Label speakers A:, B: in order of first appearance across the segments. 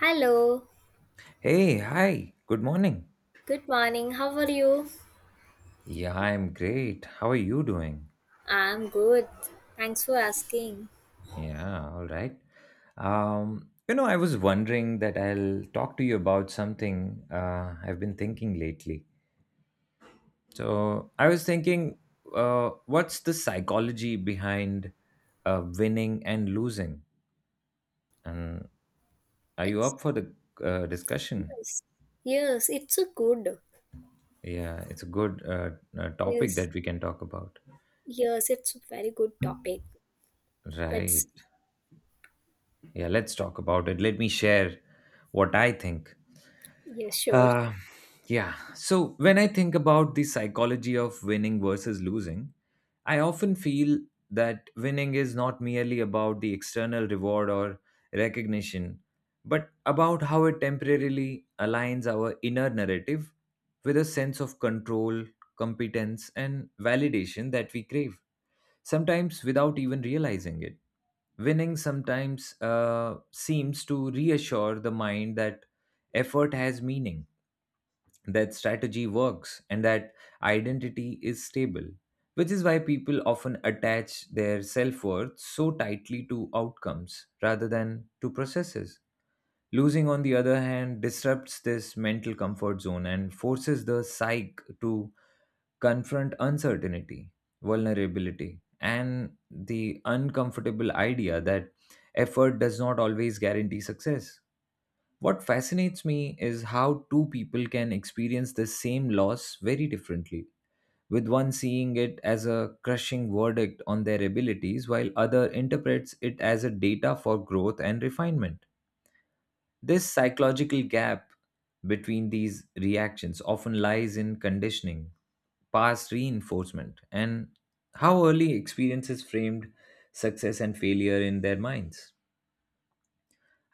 A: Hello,
B: Hey, hi, good morning.
A: good morning. How are you?
B: Yeah, I'm great. How are you doing?
A: I'm good. Thanks for asking.
B: Yeah, all right. I was wondering that I'll talk to you about something I've been thinking lately. So, I was thinking, what's the psychology behind winning and losing? And are you
A: It's
B: up for the discussion?
A: yes, yes, it's a good.
B: Yeah, it's a good topic
A: Yes,
B: that we can talk about.
A: yes, it's a very good topic.
B: Right.
A: Let's,
B: Yeah, let's talk about it. Let me share what I think.
A: yes, sure.
B: Uh, Yeah. So when I think about the psychology of winning versus losing, I often feel that winning is not merely about the external reward or recognition, but about how it temporarily aligns our inner narrative with a sense of control, competence, and validation that we crave, sometimes without even realizing it. Winning sometimes seems to reassure the mind that effort has meaning, that strategy works, and that identity is stable, which is why people often attach their self worth so tightly to outcomes rather than to processes. Losing, on the other hand, disrupts this mental comfort zone and forces the psyche to confront uncertainty, vulnerability, and the uncomfortable idea that effort does not always guarantee success. What fascinates me is how two people can experience the same loss very differently, with one seeing it as a crushing verdict on their abilities, while other interprets it as a data for growth and refinement. This psychological gap between these reactions often lies in conditioning, past reinforcement, and how early experiences framed success and failure in their minds.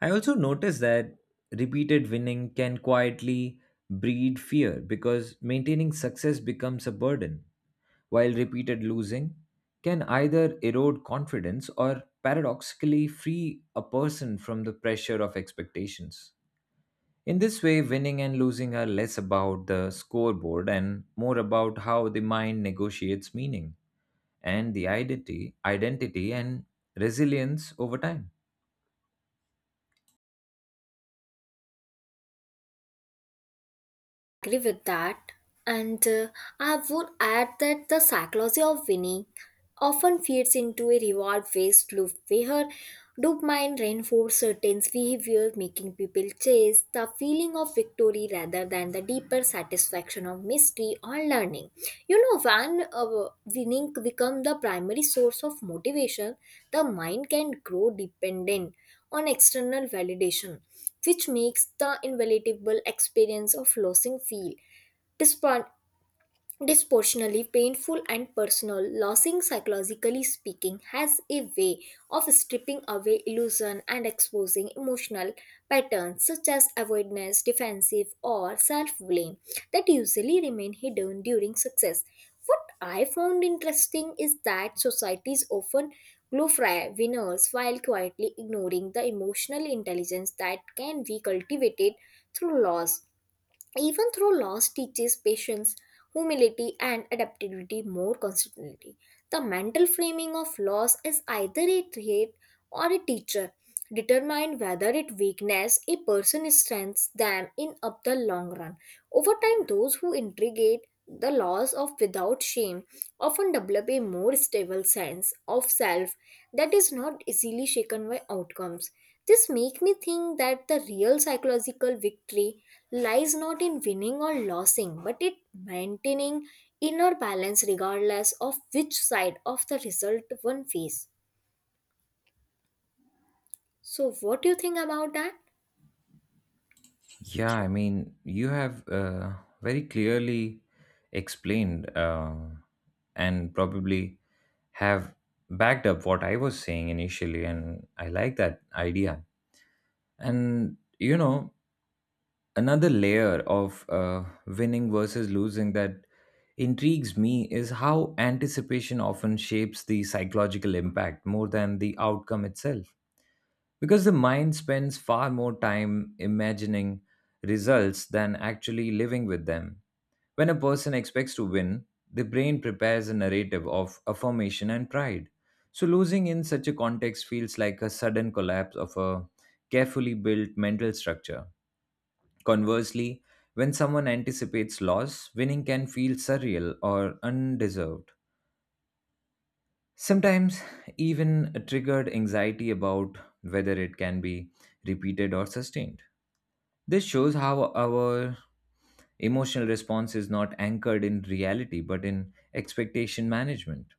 B: I also noticed that repeated winning can quietly breed fear because maintaining success becomes a burden, while repeated losing can either erode confidence or paradoxically free a person from the pressure of expectations. In this way, winning and losing are less about the scoreboard and more about how the mind negotiates meaning and the identity and resilience over time.
A: Agree with that. And I would add that the psychology of winning often feeds into a reward based loop where dopamine reinforces certain behavior, making people chase the feeling of victory rather than the deeper satisfaction of mystery or learning. You know, when winning becomes the primary source of motivation, the mind can grow dependent on external validation which makes the invaluable experience of losing feel despite disproportionately painful and personal. Losing, psychologically speaking, has a way of stripping away illusion and exposing emotional patterns such as avoidance, defensive, or self blame that usually remain hidden during success. What I found interesting is that societies often glorify winners while quietly ignoring the emotional intelligence that can be cultivated through loss, even through loss teaches patience, humility and adaptability more constantly. The mental framing of loss is either a threat or a teacher determine whether it weakness a person strengthens them in up the long run. Over time, those who integrate the laws of without shame often develop a more stable sense of self that is not easily shaken by outcomes. This makes me think that the real psychological victory lies not in winning or losing, but in maintaining inner balance regardless of which side of the result one faces. So, what do you think about that?
B: Yeah, I mean, you have very clearly explained and probably have backed up what I was saying initially, and I like that idea. And you know, another layer of winning versus losing that intrigues me is how anticipation often shapes the psychological impact more than the outcome itself, because the mind spends far more time imagining results than actually living with them. When a person expects to win, the brain prepares a narrative of affirmation and pride. So, losing in such a context feels like a sudden collapse of a carefully built mental structure. Conversely, when someone anticipates loss, winning can feel surreal or undeserved. Sometimes, even a triggered anxiety about whether it can be repeated or sustained. This shows how our emotional response is not anchored in reality but in expectation management,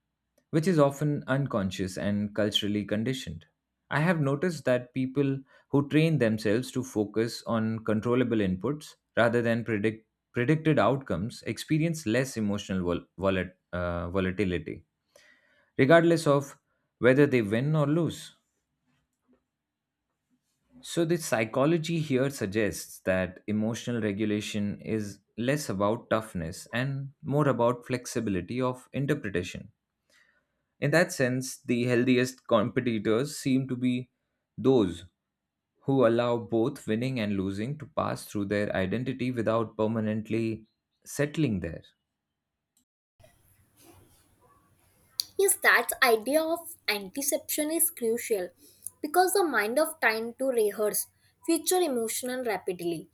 B: which is often unconscious and culturally conditioned. I have noticed that people who train themselves to focus on controllable inputs rather than predicted outcomes experience less emotional volatility, regardless of whether they win or lose. So, the psychology here suggests that emotional regulation is less about toughness and more about flexibility of interpretation. In that sense, the healthiest competitors seem to be those who allow both winning and losing to pass through their identity without permanently settling there.
A: Yes, that idea of anticipation is crucial because the mind of time to rehearse future emotion rapidly.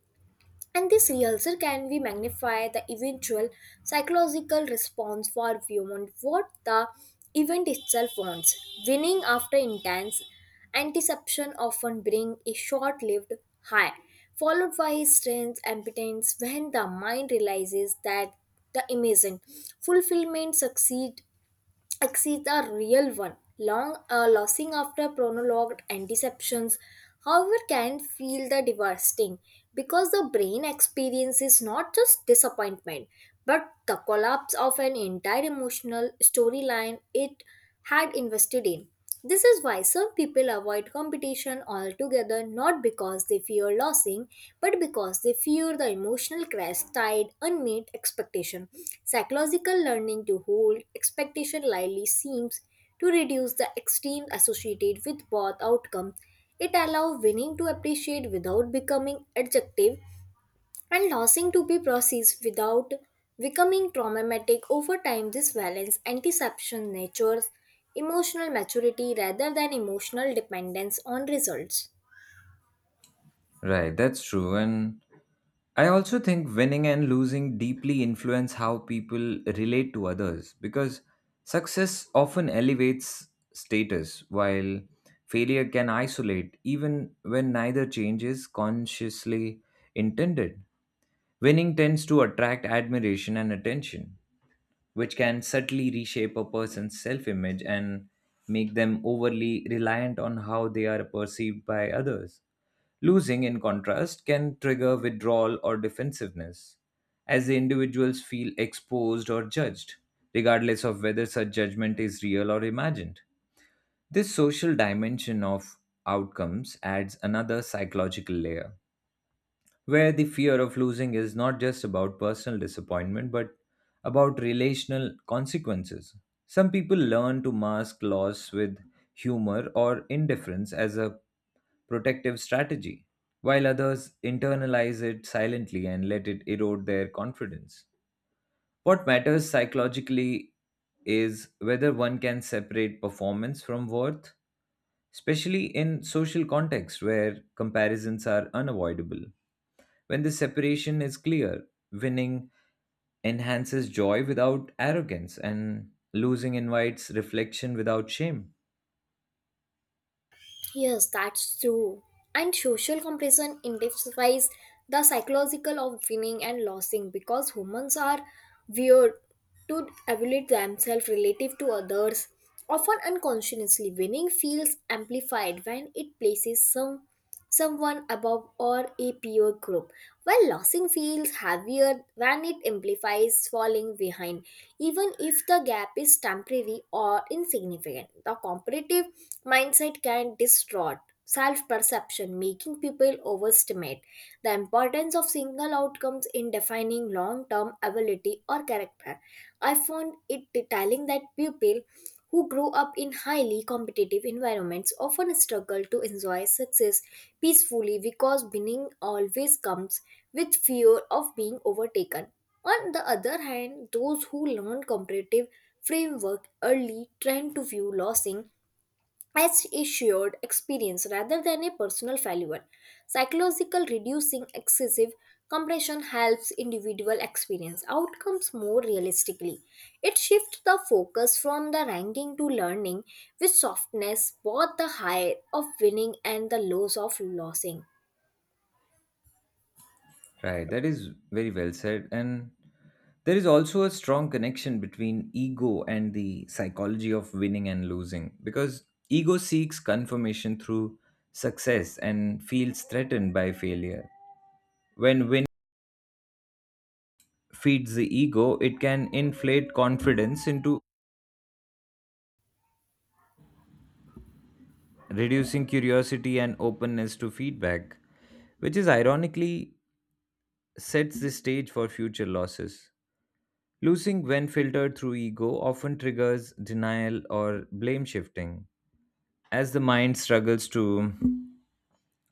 A: And this rehearsal can be magnify the eventual psychological response for beyond what the event itself wants. Winning after intense anticipation often bring a short-lived high, followed by strange impotence when the mind realizes that the amazing fulfillment succeed exceeds a real one. Long losing after prolonged anticeptions, however, can feel the devastating because the brain experiences not just disappointment but the collapse of an entire emotional storyline it had invested in. This is why some people avoid competition altogether, not because they fear losing but because they fear the emotional crash tied unmet expectation. Psychological learning to hold expectation lightly seems to reduce the extremes associated with both outcomes. It allows winning to appreciate without becoming adjective and losing to be processed without becoming traumatic. Over time this balance antiception natures emotional maturity rather than emotional dependence on results.
B: Right, that's true. And I also think winning and losing deeply influence how people relate to others because success often elevates status, while failure can isolate even when neither change is consciously intended. Winning tends to attract admiration and attention, which can subtly reshape a person's self image and make them overly reliant on how they are perceived by others. Losing, in contrast, can trigger withdrawal or defensiveness, as the individuals feel exposed or judged, regardless of whether such judgment is real or imagined. This social dimension of outcomes adds another psychological layer, where the fear of losing is not just about personal disappointment but about relational consequences. Some people learn to mask loss with humor or indifference as a protective strategy, while others internalize it silently and let it erode their confidence. What matters psychologically is whether one can separate performance from worth, especially in social contexts where comparisons are unavoidable. When the separation is clear, winning enhances joy without arrogance and losing invites reflection without shame.
A: Yes, that's true. And social comparison intensifies the psychological of winning and losing because humans are weird to evaluate themselves relative to others. Often unconsciously, winning feels amplified when it places someone above or a peer group, while losing feels heavier when it implies falling behind, even if the gap is temporary or insignificant. The competitive mindset can distort self perception, making people overestimate the importance of single outcomes in defining long term ability or character. I found it telling that people who grow up in highly competitive environments often struggle to enjoy success peacefully because winning always comes with fear of being overtaken. On the other hand, those who learn competitive framework early tend to view losing as a shared experience rather than a personal failure. Psychological reducing excessive compression helps individual experience outcomes more realistically. It shifts the focus from the ranking to learning with softness, both the high of winning and the lows of losing.
B: Right, that is very well said. And there is also a strong connection between ego and the psychology of winning and losing because ego seeks confirmation through success and feels threatened by failure. When win feeds the ego, it can inflate confidence into reducing curiosity and openness to feedback, which is ironically sets the stage for future losses. Losing, when filtered through ego, often triggers denial or blame shifting as the mind struggles to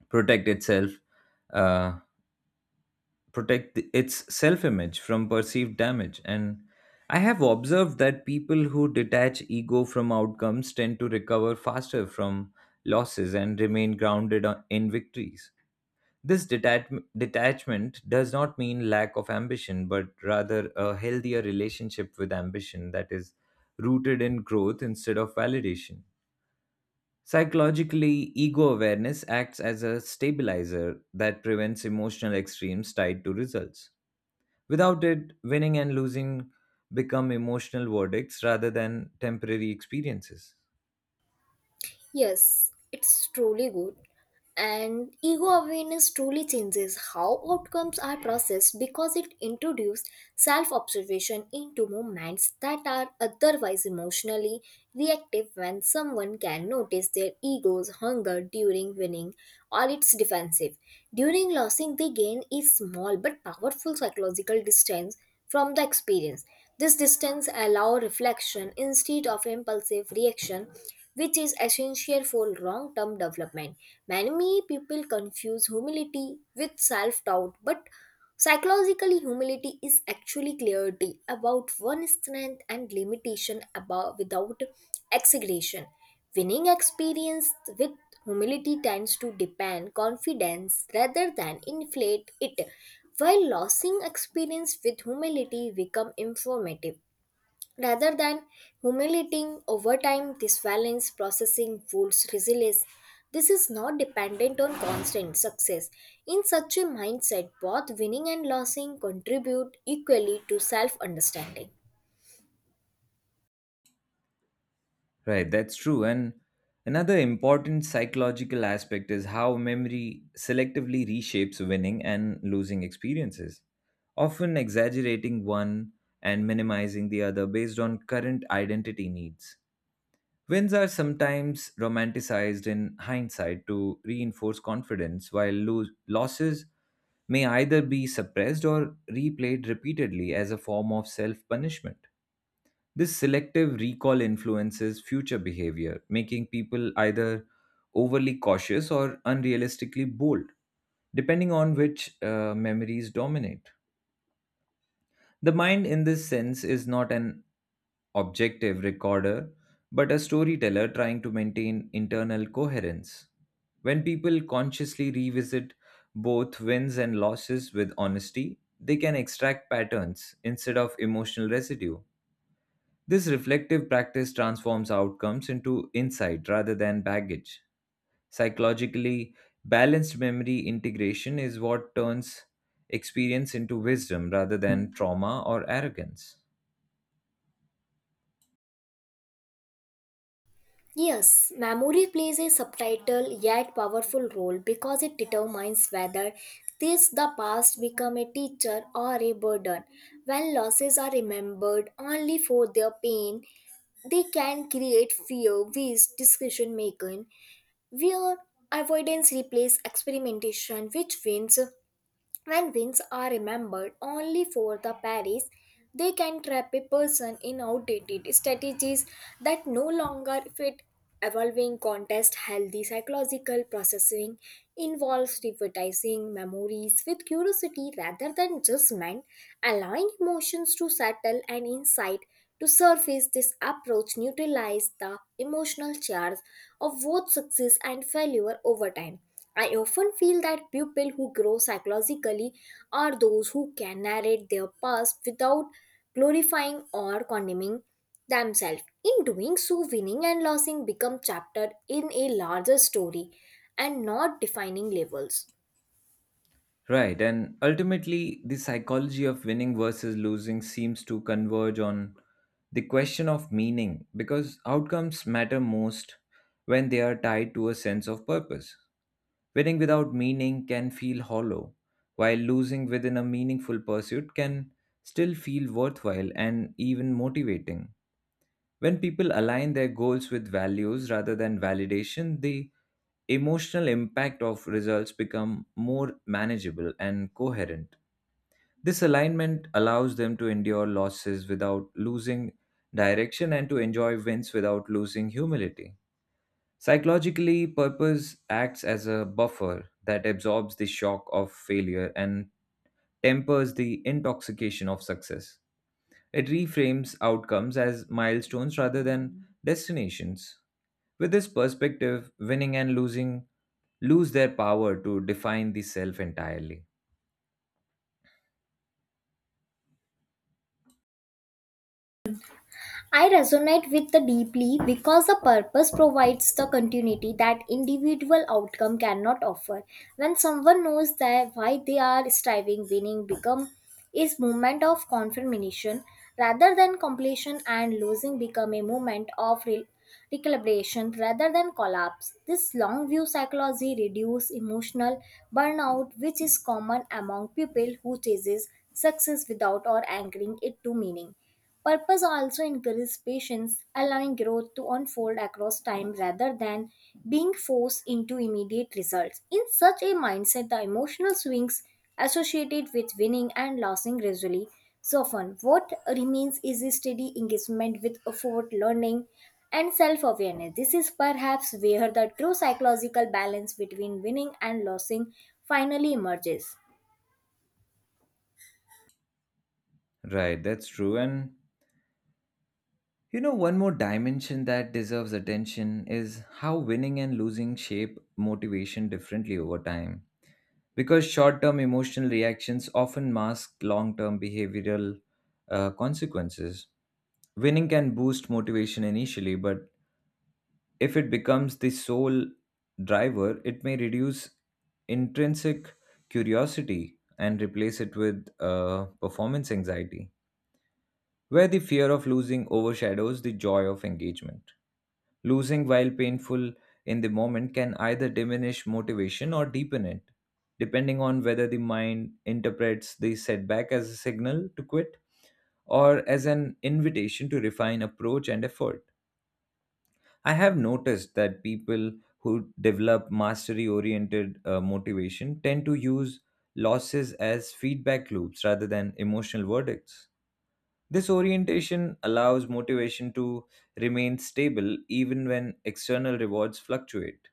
B: protect itself uh, protect its self-image from perceived damage. And I have observed that people who detach ego from outcomes tend to recover faster from losses and remain grounded in victories. This detachment does not mean lack of ambition but rather a healthier relationship with ambition that is rooted in growth instead of validation. Psychologically, ego awareness acts as a stabilizer that prevents emotional extremes tied to results. Without it, winning and losing become emotional verdicts rather than temporary experiences.
A: Yes, it's truly good. And ego awareness truly changes how outcomes are processed because it introduces self observation into moments that are otherwise emotionally reactive when someone can notice their ego's hunger during winning or its defensive. During losing, they gain a small but powerful psychological distance from the experience. This distance allows reflection instead of impulsive reaction, which is essential for long term development. Many people confuse humility with self doubt, but psychologically, humility is actually clarity about one's strength and limitation about, without exaggeration. Winning experience with humility tends to depend confidence rather than inflate it, while losing experience with humility become informative rather than humiliating. Over time this balance processing fuels resilience. This is not dependent on constant success. In such a mindset, both winning and losing contribute equally to self understanding.
B: Right, that's true. And another important psychological aspect is how memory selectively reshapes winning and losing experiences, often exaggerating one and minimizing the other based on current identity needs. Wins are sometimes romanticized in hindsight to reinforce confidence, while losses may either be suppressed or replayed repeatedly as a form of self punishment. This selective recall influences future behavior, making people either overly cautious or unrealistically bold, depending on which memories dominate. The mind, in this sense, is not an objective recorder, but a storyteller trying to maintain internal coherence. When people consciously revisit both wins and losses with honesty, they can extract patterns instead of emotional residue. This reflective practice transforms outcomes into insight rather than baggage. Psychologically, balanced memory integration is what turns experience into wisdom rather than trauma or arrogance.
A: Yes, memory plays a subtitle yet powerful role because it determines whether this the past become a teacher or a burden. When losses are remembered only for their pain, they can create fear with decision making where avoidance replaces experimentation which wins when wings are remembered only for the parries, they can trap a person in outdated strategies that no longer fit. Evolving contest healthy psychological processing involves revitalizing memories with curiosity rather than judgment, allowing emotions to settle and insight to surface. This approach neutralizes the emotional charge of both success and failure over time. I often feel that people who grow psychologically are those who can narrate their past without glorifying or condemning themselves. In doing so, winning and losing become chapter in a larger story and not defining labels.
B: Right, and ultimately, the psychology of winning versus losing seems to converge on the question of meaning because outcomes matter most when they are tied to a sense of purpose. Winning without meaning can feel hollow, while losing within a meaningful pursuit can still feel worthwhile and even motivating. When people align their goals with values rather than validation, the emotional impact of results become more manageable and coherent. This alignment allows them to endure losses without losing direction and to enjoy wins without losing humility. Psychologically, purpose acts as a buffer that absorbs the shock of failure and tempers the intoxication of success. It reframes outcomes as milestones rather than destinations. With this perspective, winning and losing lose their power to define the self entirely.
A: I resonate with the deeply because the purpose provides the continuity that individual outcome cannot offer. When someone knows that why they are striving, winning become is moment of confirmation rather than completion and losing become a moment of recalibration rather than collapse. This long view psychology reduces emotional burnout which is common among people who chases success without or anchoring it to meaning. Purpose also encourages patience, allowing growth to unfold across time rather than being forced into immediate results. In such a mindset, the emotional swings associated with winning and losing gradually soften. What remains is a steady engagement with effort, learning, and self awareness. This is perhaps where the true psychological balance between winning and losing finally emerges.
B: Right, that's true. And you know, one more dimension that deserves attention is how winning and losing shape motivation differently over time, because short term emotional reactions often mask long term behavioral consequences. Winning can boost motivation initially, but if it becomes the sole driver, it may reduce intrinsic curiosity and replace it with performance anxiety, where the fear of losing overshadows the joy of engagement. Losing, while painful in the moment, can either diminish motivation or deepen it, depending on whether the mind interprets the setback as a signal to quit or as an invitation to refine approach and effort. I have noticed that people who develop mastery oriented motivation tend to use losses as feedback loops rather than emotional verdicts. This orientation allows motivation to remain stable even when external rewards fluctuate.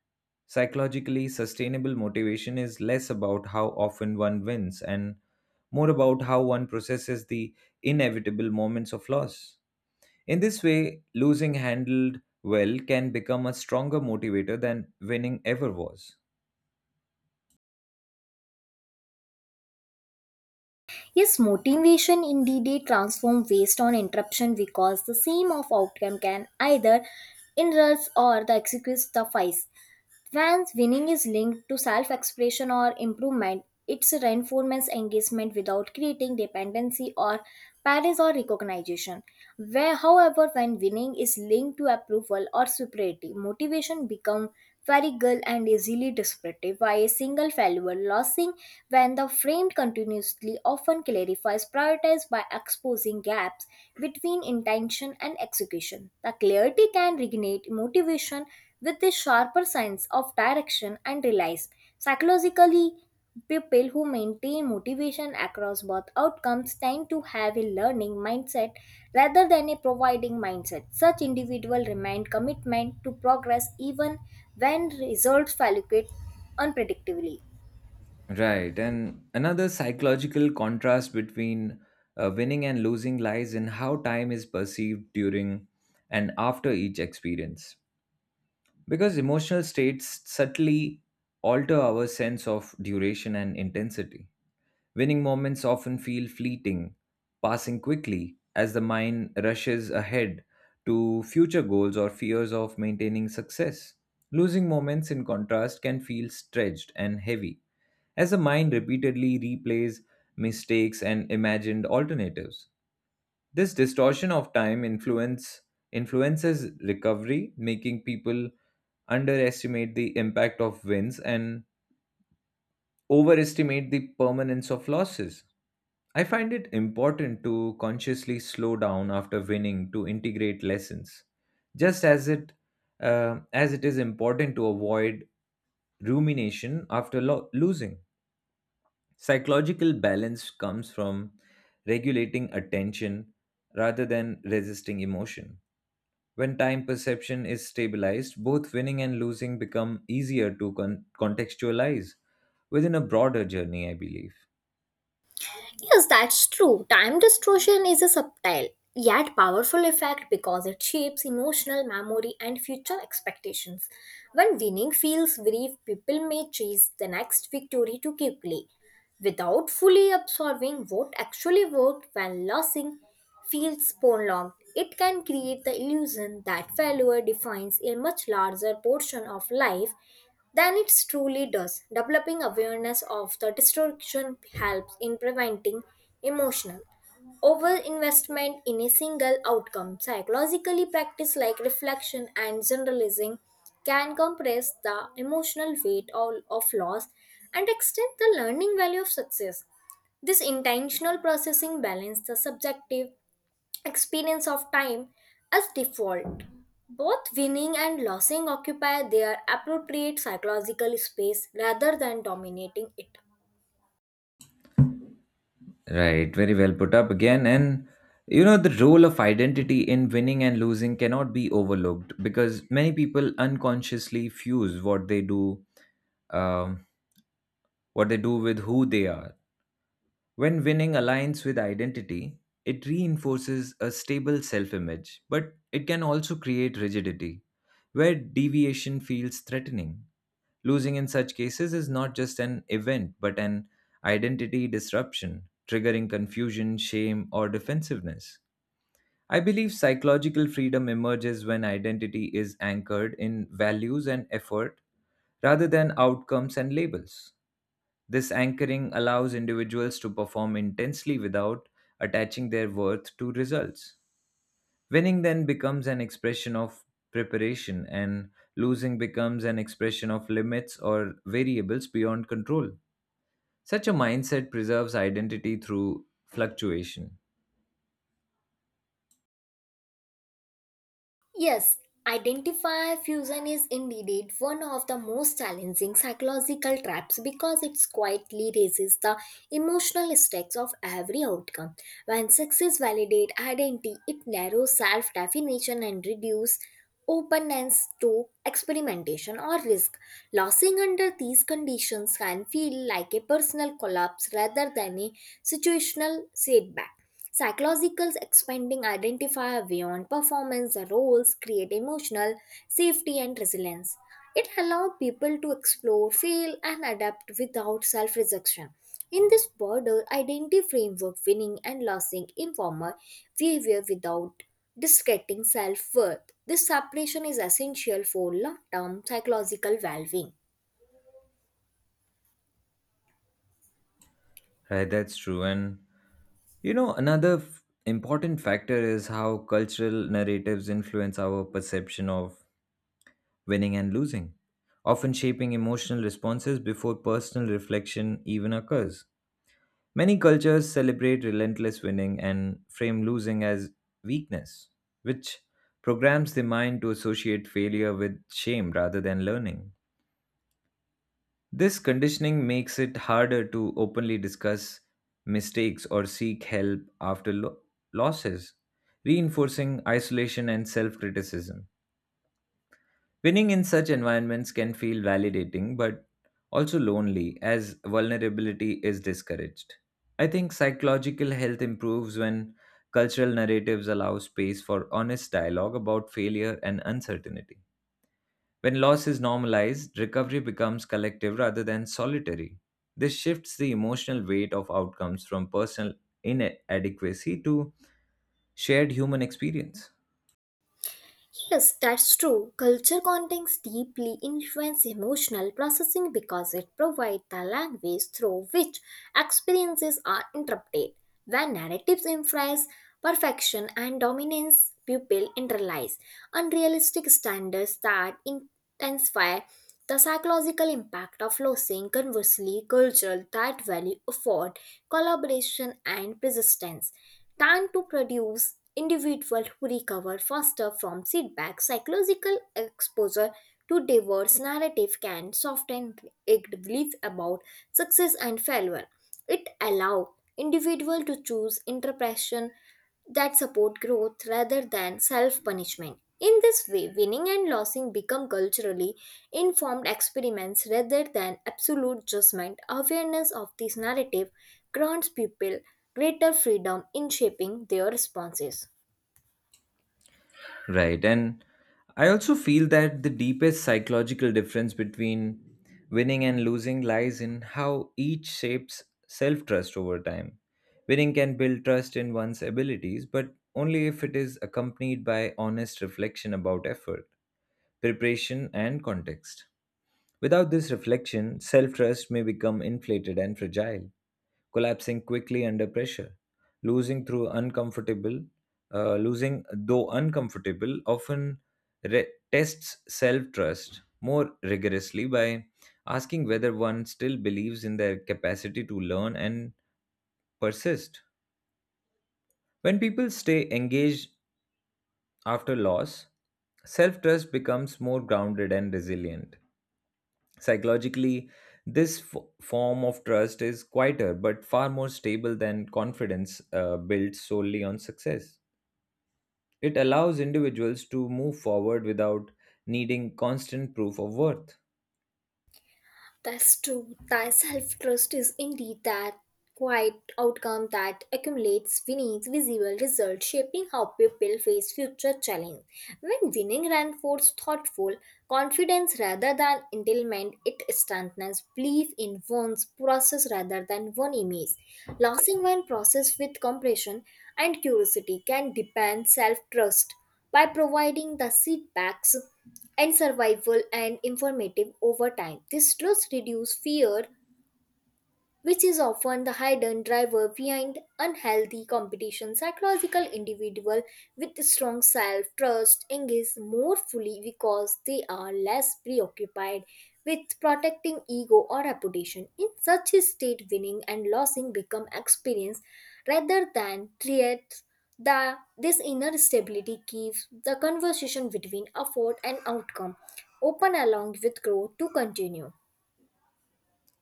B: Psychologically, sustainable motivation is less about how often one wins and more about how one processes the inevitable moments of loss. In this way, losing handled well can become a stronger motivator than winning ever was.
A: Yes, motivation indeed they transform waste on interruption because the same of outcome can either enrich or the excuse suffice. When winning is linked to self expression or improvement, it's a reinforcements engagement without creating dependency or praise or recognition. Where, however, when winning is linked to approval or superiority, motivation becomes variable and easily disruptive by a single failure. Losing, when the framed continuously, often clarifies prioritized by exposing gaps between intention and execution. The clarity can reignite motivation with a sharper sense of direction and realize psychologically people who maintain motivation across both outcomes tend to have a learning mindset rather than a providing mindset such individuals remain commitment to progress even when results fluctuate unpredictably.
B: Right, and another psychological contrast between winning and losing lies in how time is perceived during and after each experience, because emotional states subtly alter our sense of duration and intensity. Winning moments often feel fleeting, passing quickly as the mind rushes ahead to future goals or fears of maintaining success. Losing moments, in contrast, can feel stretched and heavy, as the mind repeatedly replays mistakes and imagined alternatives. This distortion of time influences recovery, making people underestimate the impact of wins and overestimate the permanence of losses. I find it important to consciously slow down after winning to integrate lessons, just as it is important to avoid rumination after losing. Psychological balance comes from regulating attention rather than resisting emotion. When time perception is stabilized, both winning and losing become easier to contextualize within a broader journey, I believe.
A: Yes, that's true. Time distortion is a subtle yet powerful effect because it shapes emotional memory and future expectations. When winning feels brief, people may chase the next victory too quickly without fully absorbing what actually worked when losing feels prolonged. It can create the illusion that failure defines a much larger portion of life than it truly does. Developing awareness of the distortion helps in preventing emotional overinvestment in a single outcome. Psychologically, practice like reflection and generalizing can compress the emotional weight of loss and extend the learning value of success. This intentional processing balances the subjective experience of time as default. Both winning and losing occupy their appropriate psychological space rather than dominating it.
B: Right, very well put up again. And you know, the role of identity in winning and losing cannot be overlooked because many people unconsciously fuse what they do, um, with who they are. When winning aligns with identity, it reinforces a stable self image, but it can also create rigidity, where deviation feels threatening. Losing in such cases is not just an event, but an identity disruption, triggering confusion, shame, or defensiveness. I believe psychological freedom emerges when identity is anchored in values and effort rather than outcomes and labels. This anchoring allows individuals to perform intensely without attaching their worth to results. Winning then becomes an expression of preparation, and losing becomes an expression of limits or variables beyond control. Such a mindset preserves identity through fluctuation.
A: Yes, identify fusion is indeed one of the most challenging psychological traps because it quietly raises the emotional stakes of every outcome. When success validates identity, it narrows self definition and reduces openness to experimentation or risk. Losing under these conditions can feel like a personal collapse rather than a situational setback. Psychological expanding identifier beyond performance the roles create emotional safety and resilience. It allows people to explore, fail, and adapt without self rejection. In this broader identity framework, winning and losing informal behavior without discrediting self worth. This separation is essential for long term psychological well being.
B: Right, that's true. And you know, important factor is how cultural narratives influence our perception of winning and losing, often shaping emotional responses before personal reflection even occurs. Many cultures celebrate relentless winning and frame losing as weakness, which programs the mind to associate failure with shame rather than learning. This conditioning makes it harder to openly discuss mistakes or seek help after losses, reinforcing isolation and self criticism. Winning in such environments can feel validating but also lonely as vulnerability is discouraged. I think psychological health improves when cultural narratives allow space for honest dialogue about failure and uncertainty. When loss is normalized, recovery becomes collective rather than solitary. This shifts the emotional weight of outcomes from personal inadequacy to shared human experience.
A: Yes, that's true. Culture context deeply influence emotional processing because it provides the language through which experiences are interpreted. When narratives emphasize perfection and dominance, people internalize unrealistic standards that intensify the psychological impact of losing. Conversely, culture that value effort, collaboration, and persistence than to produce individuals who recover faster from setbacks. Psychological exposure to diverse narrative can soften it belief about success and failure. It allows individuals to choose interpretation that support growth rather than self punishment. In this way, winning and losing become culturally informed experiments rather than absolute judgment. Awareness of this narrative grants people greater freedom in shaping their responses.
B: Right. And I also feel that the deepest psychological difference between winning and losing lies in how each shapes self trust over time. Winning can build trust in one's abilities, but only if it is accompanied by honest reflection about effort, preparation, and context. Without this reflection, self trust may become inflated and fragile collapsing quickly under pressure. losing through uncomfortable, Losing though uncomfortable, often tests self trust more rigorously by asking whether one still believes in their capacity to learn and persist. When people stay engaged after loss, self trust becomes more grounded and resilient. Psychologically, this form of trust is quieter but far more stable than confidence built solely on success. It allows individuals to move forward without needing constant proof of worth.
A: That's true. That self trust is indeed that quiet outcome that accumulates winning visible results, shaping how people face future challenge. When winning reinforces thoughtful confidence rather than entitlement, it strengthens belief in one's process rather than one image. Losing one process with compassion and curiosity can deepen self trust by providing the setbacks and survival and informative over time. This slows reduce fear which is often the hidden driver behind unhealthy competition. Psychological individual with strong self-trust engage more fully because they are less preoccupied with protecting ego or reputation. In such a state, winning and losing become experience rather than threats. This inner stability keeps the conversation between effort and outcome open along with growth to continue.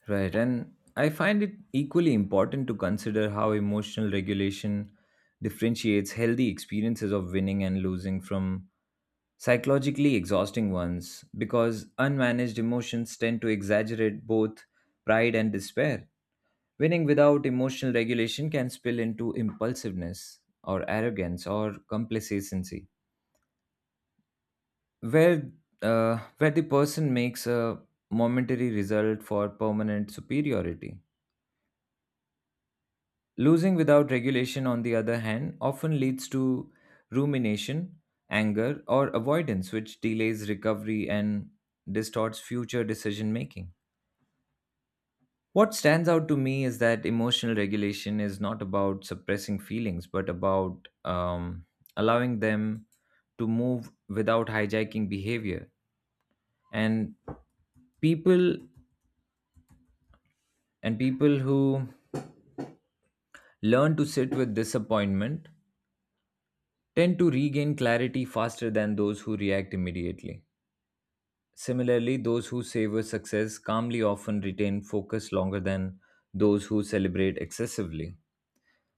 B: Right, and I find it equally important to consider how emotional regulation differentiates healthy experiences of winning and losing from psychologically exhausting ones because unmanaged emotions tend to exaggerate both pride and despair. Winning without emotional regulation can spill into impulsiveness or arrogance or complacency, where, where the person makes a momentary result for permanent superiority. Losing without regulation, on the other hand, often leads to rumination, anger, or avoidance, which delays recovery and distorts future decision making. What stands out to me is that emotional regulation is not about suppressing feelings, but about allowing them to move without hijacking behavior. And people and people who learn to sit with disappointment tend to regain clarity faster than those who react immediately. Similarly, those who savor success calmly often retain focus longer than those who celebrate excessively.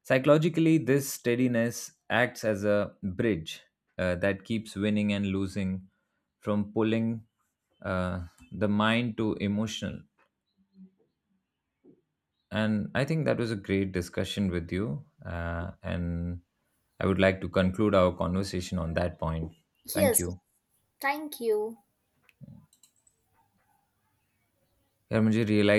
B: Psychologically, this steadiness acts as a bridge that keeps winning and losing from pulling uh, the mind to emotional. And I think that was a great discussion with you. And I would like to conclude our conversation on that point. Thank
A: Yes,
B: you.
A: thank you.
B: यार मुझे realize